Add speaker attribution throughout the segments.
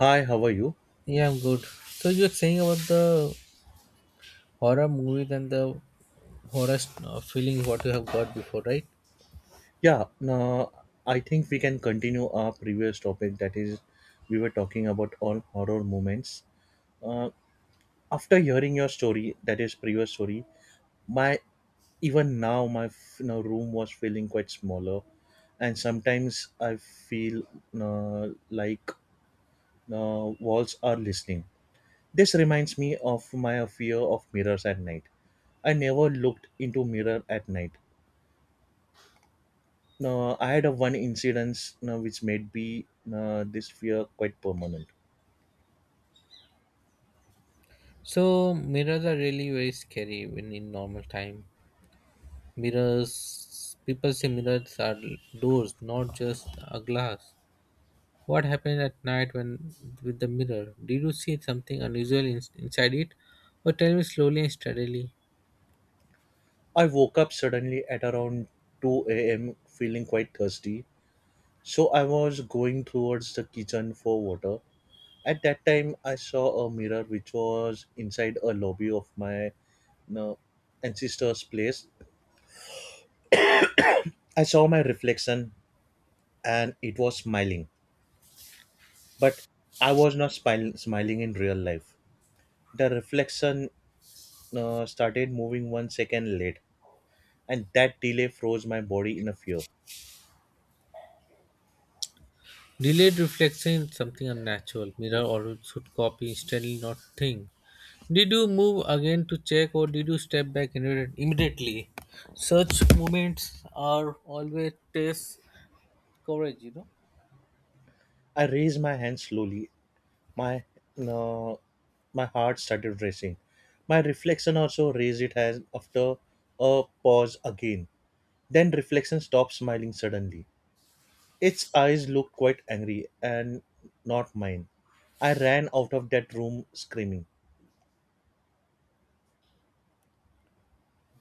Speaker 1: Hi, how are you?
Speaker 2: Yeah, I'm good. So you were saying about the horror movies and the feeling what you have got before, right?
Speaker 1: Yeah, no, I think we can continue our previous topic. That is, we were talking about all horror moments. Uh, After hearing your story, that is previous story, my even now my room was feeling quite smaller, and sometimes I feel like walls are listening. This reminds me of my fear of mirrors at night. I never looked into mirror at night. Now, I had a one incidence now which made me this fear quite permanent.
Speaker 2: So mirrors are really very scary when in normal time. Mirrors, people say mirrors are doors, not just a glass. What happened at night when with the mirror? Did you see something unusual inside it, or tell me slowly and steadily?
Speaker 1: I woke up suddenly at around 2 a.m. feeling quite thirsty. So I was going towards the kitchen for water. At that time, I saw a mirror which was inside a lobby of my uh, ancestor's place. I saw my reflection and it was smiling. But I was not smiling in real life. The reflection started moving 1 second late and that delay froze my body in a fear.
Speaker 2: Delayed reflection is something unnatural. Mirror or should copy steadily, not think. Did you move again to check or did you step back immediately? Such moments are always test courage, you know.
Speaker 1: I raised my hand slowly. My no, my heart started racing. My reflection also raised it as after a pause again. Then reflection stopped smiling suddenly. Its eyes looked quite angry and not mine. I ran out of that room screaming.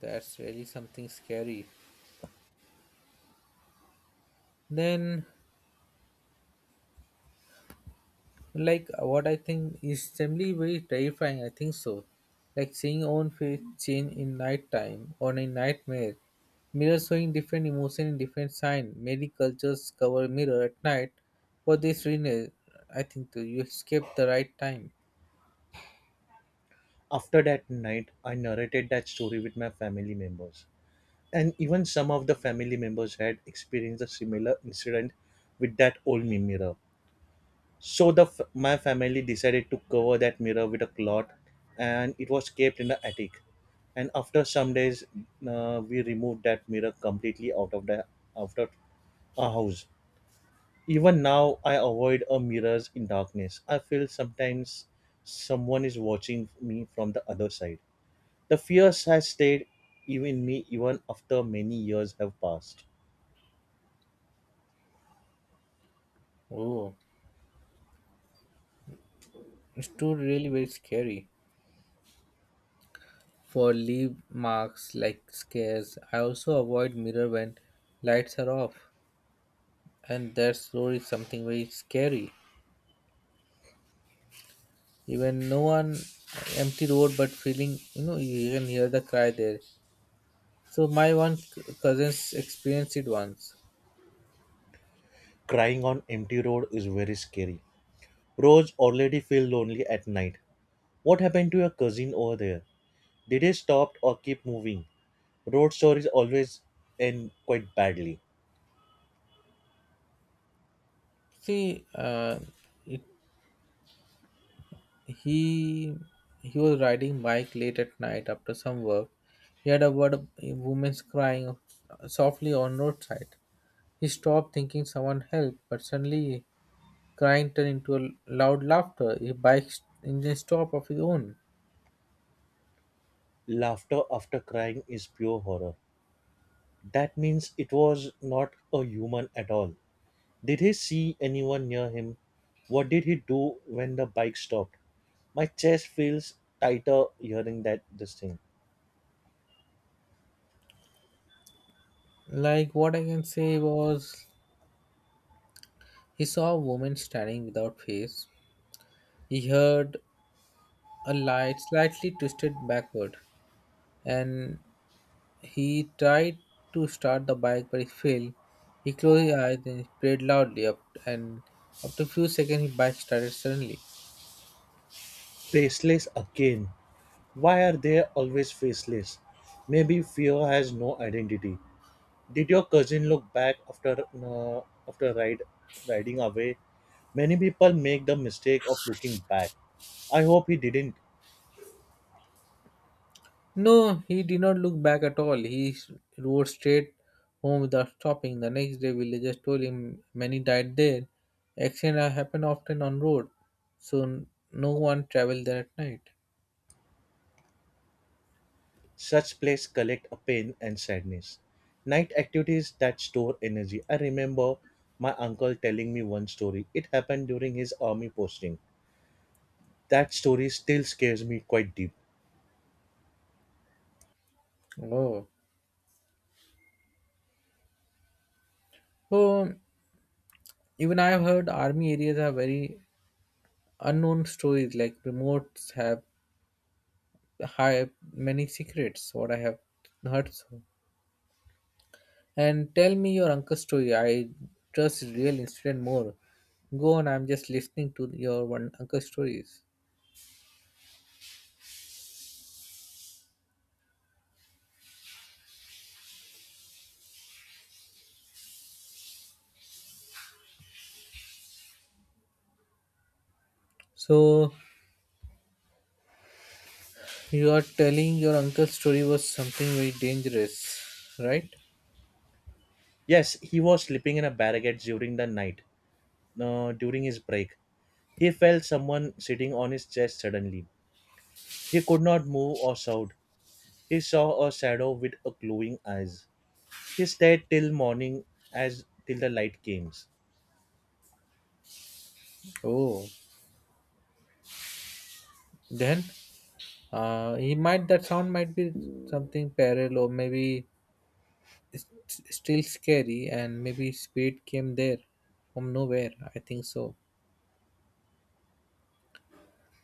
Speaker 2: That's really something scary. Then, like, what I think is generally very terrifying, I think so. Like seeing own face change in night time or in nightmare. Mirrors showing different emotion in different sign. Many cultures cover mirror at night. For this reason, I think too, you escape the right time.
Speaker 1: After that night, I narrated that story with my family members, and even some of the family members had experienced a similar incident with that old mirror. So my family decided to cover that mirror with a cloth, and it was kept in the attic. And after some days, we removed that mirror completely out of out of our house. Even now, I avoid a mirrors in darkness. I feel sometimes someone is watching me from the other side. The fears has stayed even after many years have passed.
Speaker 2: Oh. It's too really very scary. For leave marks like scares, I also avoid mirror when lights are off, and that's always something very scary. Even no one empty road, but feeling you know you can hear the cry there. So my cousins experienced it once.
Speaker 1: Crying on empty road is very scary. Rose already feel lonely at night. What happened to your cousin over there? Did he stop or keep moving? Road stories always end quite badly.
Speaker 2: See, uh, it he he was riding bike late at night after some work. He had a word of a woman's crying softly on roadside. He stopped, thinking someone helped, but suddenly crying turned into a loud laughter. His bike engine stopped of his own.
Speaker 1: Laughter after crying is pure horror. That means it was not a human at all. Did he see anyone near him? What did he do when the bike stopped? My chest feels tighter hearing that this thing.
Speaker 2: Like what I can say was he saw a woman standing without face. He heard a light slightly twisted backward and he tried to start the bike but he failed. He closed his eyes and prayed loudly up, and after a few seconds his bike started suddenly.
Speaker 1: Faceless again. Why are they always faceless? Maybe fear has no identity. Did your cousin look back after after ride riding away? Many people make the mistake of looking back. I hope he didn't.
Speaker 2: No, he did not look back at all. Rode straight home without stopping. The next day, villagers told him many died there. Accidents happen often on road, so no one traveled there at night.
Speaker 1: Such places collect a pain and sadness. Night activities that store energy. I remember my uncle telling me one story. It happened during his army posting. That story still scares me quite deep.
Speaker 2: Oh, so even I have heard army areas are very unknown stories. Like remotes have high many secrets. What I have heard so. And tell me your uncle's story. I trust his real incident more. Go on, I'm just listening to your one uncle's stories. So you are telling your uncle's story was something very dangerous, right?
Speaker 1: Yes, he was sleeping in a barricade during the night, during his break. He felt someone sitting on his chest suddenly. He could not move or shout. He saw a shadow with a glowing eyes. He stayed till morning as till the light came.
Speaker 2: Oh, then he might that sound might be something parallel or maybe it's still scary, and maybe spirit came there from nowhere. I think so.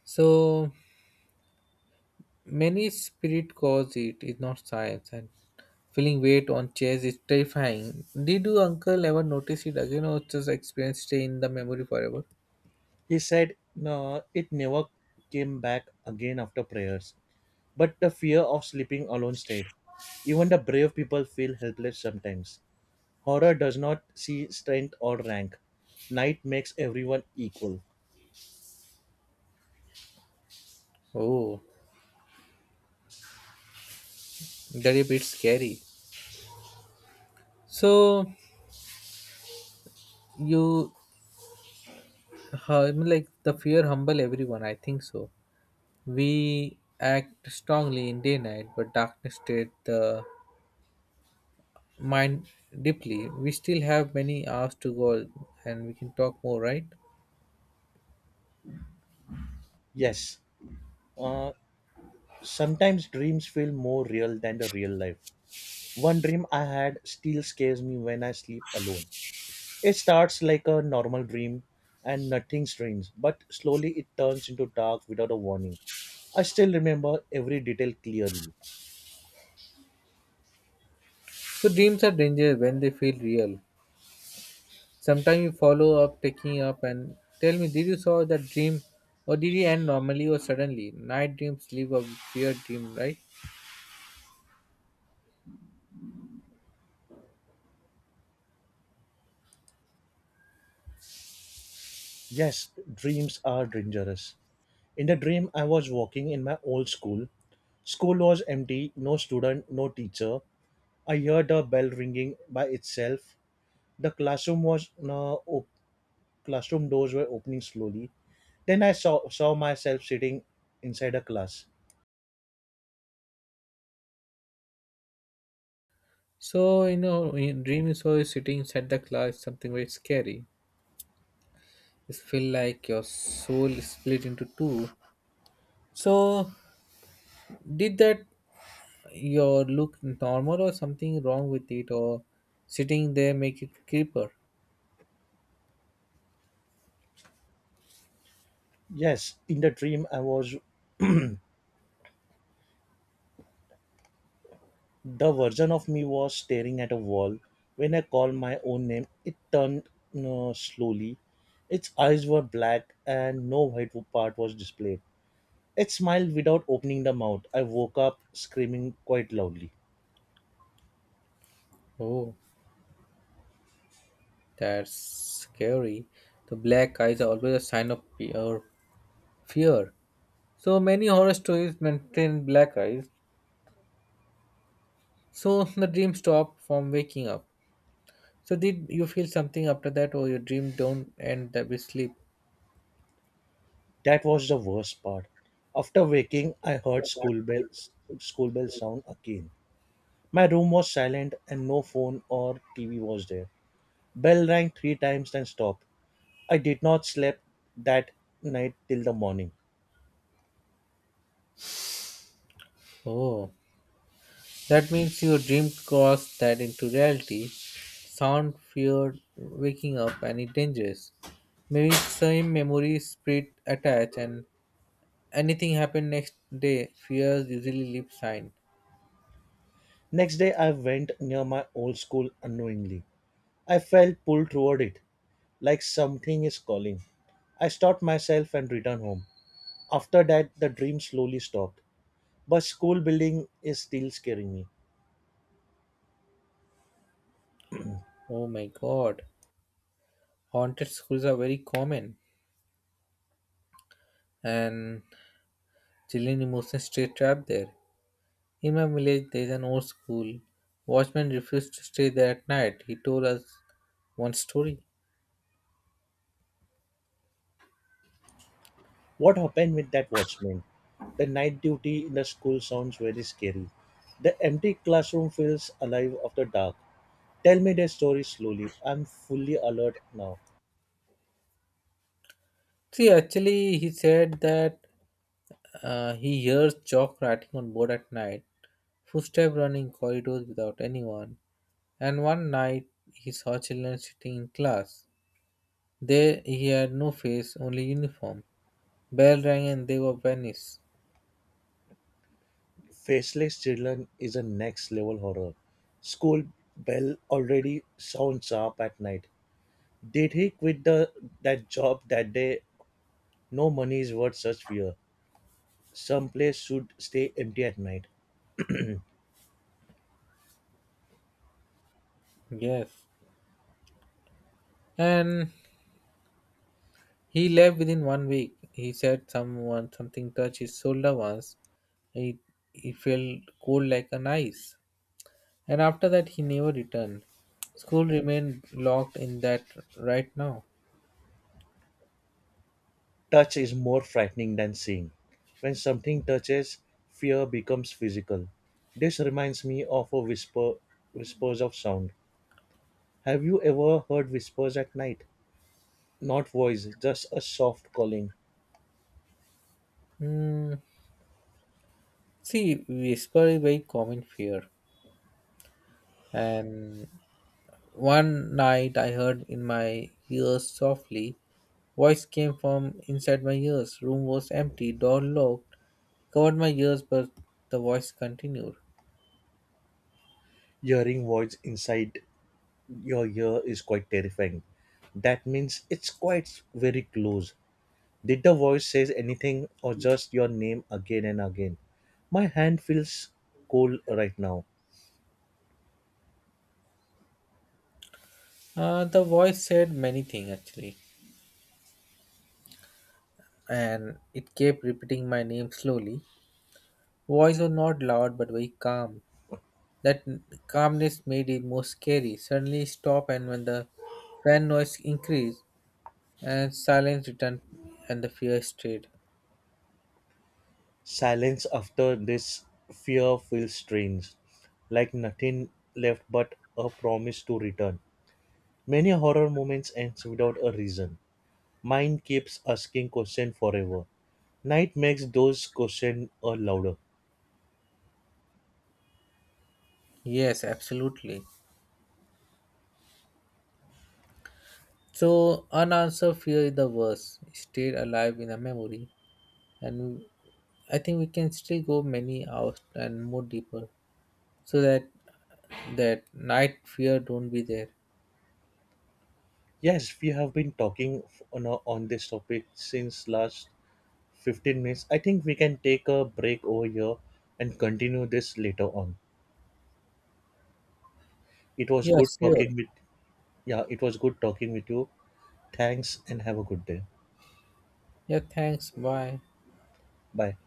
Speaker 2: So many spirit cause it is not science and feeling weight on chest is terrifying. Did you uncle ever notice it again or just experience stay in the memory forever?
Speaker 1: He said no, it never came back again after prayers. But the fear of sleeping alone stayed. Even the brave people feel helpless sometimes. Horror does not see strength or rank. Night makes everyone equal.
Speaker 2: Oh, that is a bit scary. So you, I mean, like the fear humble everyone. I think so. We act strongly in day night, but darkness state the mind deeply. We still have many hours to go, and we can talk more, right?
Speaker 1: Yes, uh, sometimes dreams feel more real than the real life. One dream I had still scares me when I sleep alone. It starts like a normal dream and nothing strange, but slowly it turns into dark without a warning. I still remember every detail clearly.
Speaker 2: So dreams are dangerous when they feel real. Sometimes you follow up, taking up, and tell me, did you saw that dream, or did it end normally or suddenly? Night dreams leave a weird dream, right?
Speaker 1: Yes, dreams are dangerous. In the dream, I was walking in my old school. School was empty, no student, no teacher. I heard a bell ringing by itself. The classroom classroom doors were opening slowly. Then I saw myself sitting inside a class.
Speaker 2: So you know, in dream you saw you sitting inside the cloud, something very scary. It feel like your soul is split into two. So did that your look normal or something wrong with it, or sitting there make it creeper?
Speaker 1: Yes, in the dream, I was the version of me was staring at a wall. When I called my own name, it turned slowly. Its eyes were black and no white part was displayed. It smiled without opening the mouth. I woke up screaming quite loudly.
Speaker 2: Oh, that's scary. The black eyes are always a sign of pure fear. So many horror stories maintain black eyes. So the dream stop from waking up. So did you feel something after that, or your dream don't end that with sleep?
Speaker 1: That was the worst part. After waking, I heard school bell sound again. My room was silent and no phone or TV was there. Bell rang 3 times and stopped. I did not sleep that night till the morning.
Speaker 2: Oh. That means your dream crossed that into reality. Sound feared waking up and it dangerous. Maybe same memory spirit attached, and anything happened next day, fears usually leave sign.
Speaker 1: Next day, I went near my old school unknowingly. I felt pulled toward it, like something is calling. I stopped myself and returned home. After that, the dream slowly stopped. But school building is still scaring me.
Speaker 2: Oh my god. Haunted schools are very common, and children emotions stay trapped there. In my village, there is an old school. Watchman refused to stay there at night. He told us one story.
Speaker 1: What happened with that watchman? The night duty in the school sounds very scary. The empty classroom feels alive after dark. Tell me their story slowly. I'm fully alert now.
Speaker 2: He said that he hears chalk writing on board at night, footsteps running corridors without anyone. And one night, he saw children sitting in class. There, he had no face, only uniform. Bell rang and they were vanished.
Speaker 1: Faceless Children is a next level horror. School bell already sounds sharp at night. Did he quit the that job that day? No money is worth such fear. Some place should stay empty at night.
Speaker 2: Yes. And he left within one week. He said someone something touched his shoulder once. It He felt cold like an ice. And after that he never returned. School remained locked in that right now.
Speaker 1: Touch is more frightening than seeing. When something touches, fear becomes physical. This reminds me of a whispers of sound. Have you ever heard whispers at night? Not voice, just a soft calling,
Speaker 2: Hmm. See, whisper is very common fear. And one night I heard in my ears softly. Voice came from inside my ears. Room was empty, door locked. Covered my ears, but the voice continued.
Speaker 1: hearing voice inside your ear is quite terrifying. That means it's quite very close. Did the voice says anything or just your name again and again? My hand feels cold right now.
Speaker 2: The voice said many things actually, and it kept repeating my name slowly. Voice was not loud but very calm. That calmness made it more scary. Suddenly it stopped, and when the fan noise increased and silence returned, and the fear stayed.
Speaker 1: Silence after this fear feels strange, like nothing left but a promise to return. Many horror moments ends without a reason. Mind keeps asking question forever. Night makes those questions louder.
Speaker 2: Yes, absolutely. So unanswered fear is the worst. It stayed alive in our memory, and I think we can still go many hours and more deeper, so that night fear don't be there.
Speaker 1: Yes, we have been talking on this topic since last 15 minutes. I think we can take a break over here and continue this later on. It was
Speaker 2: Yeah,
Speaker 1: good
Speaker 2: sure.
Speaker 1: talking with yeah, it was good talking with you. Thanks and have a good day.
Speaker 2: Yeah, thanks, bye.
Speaker 1: Bye.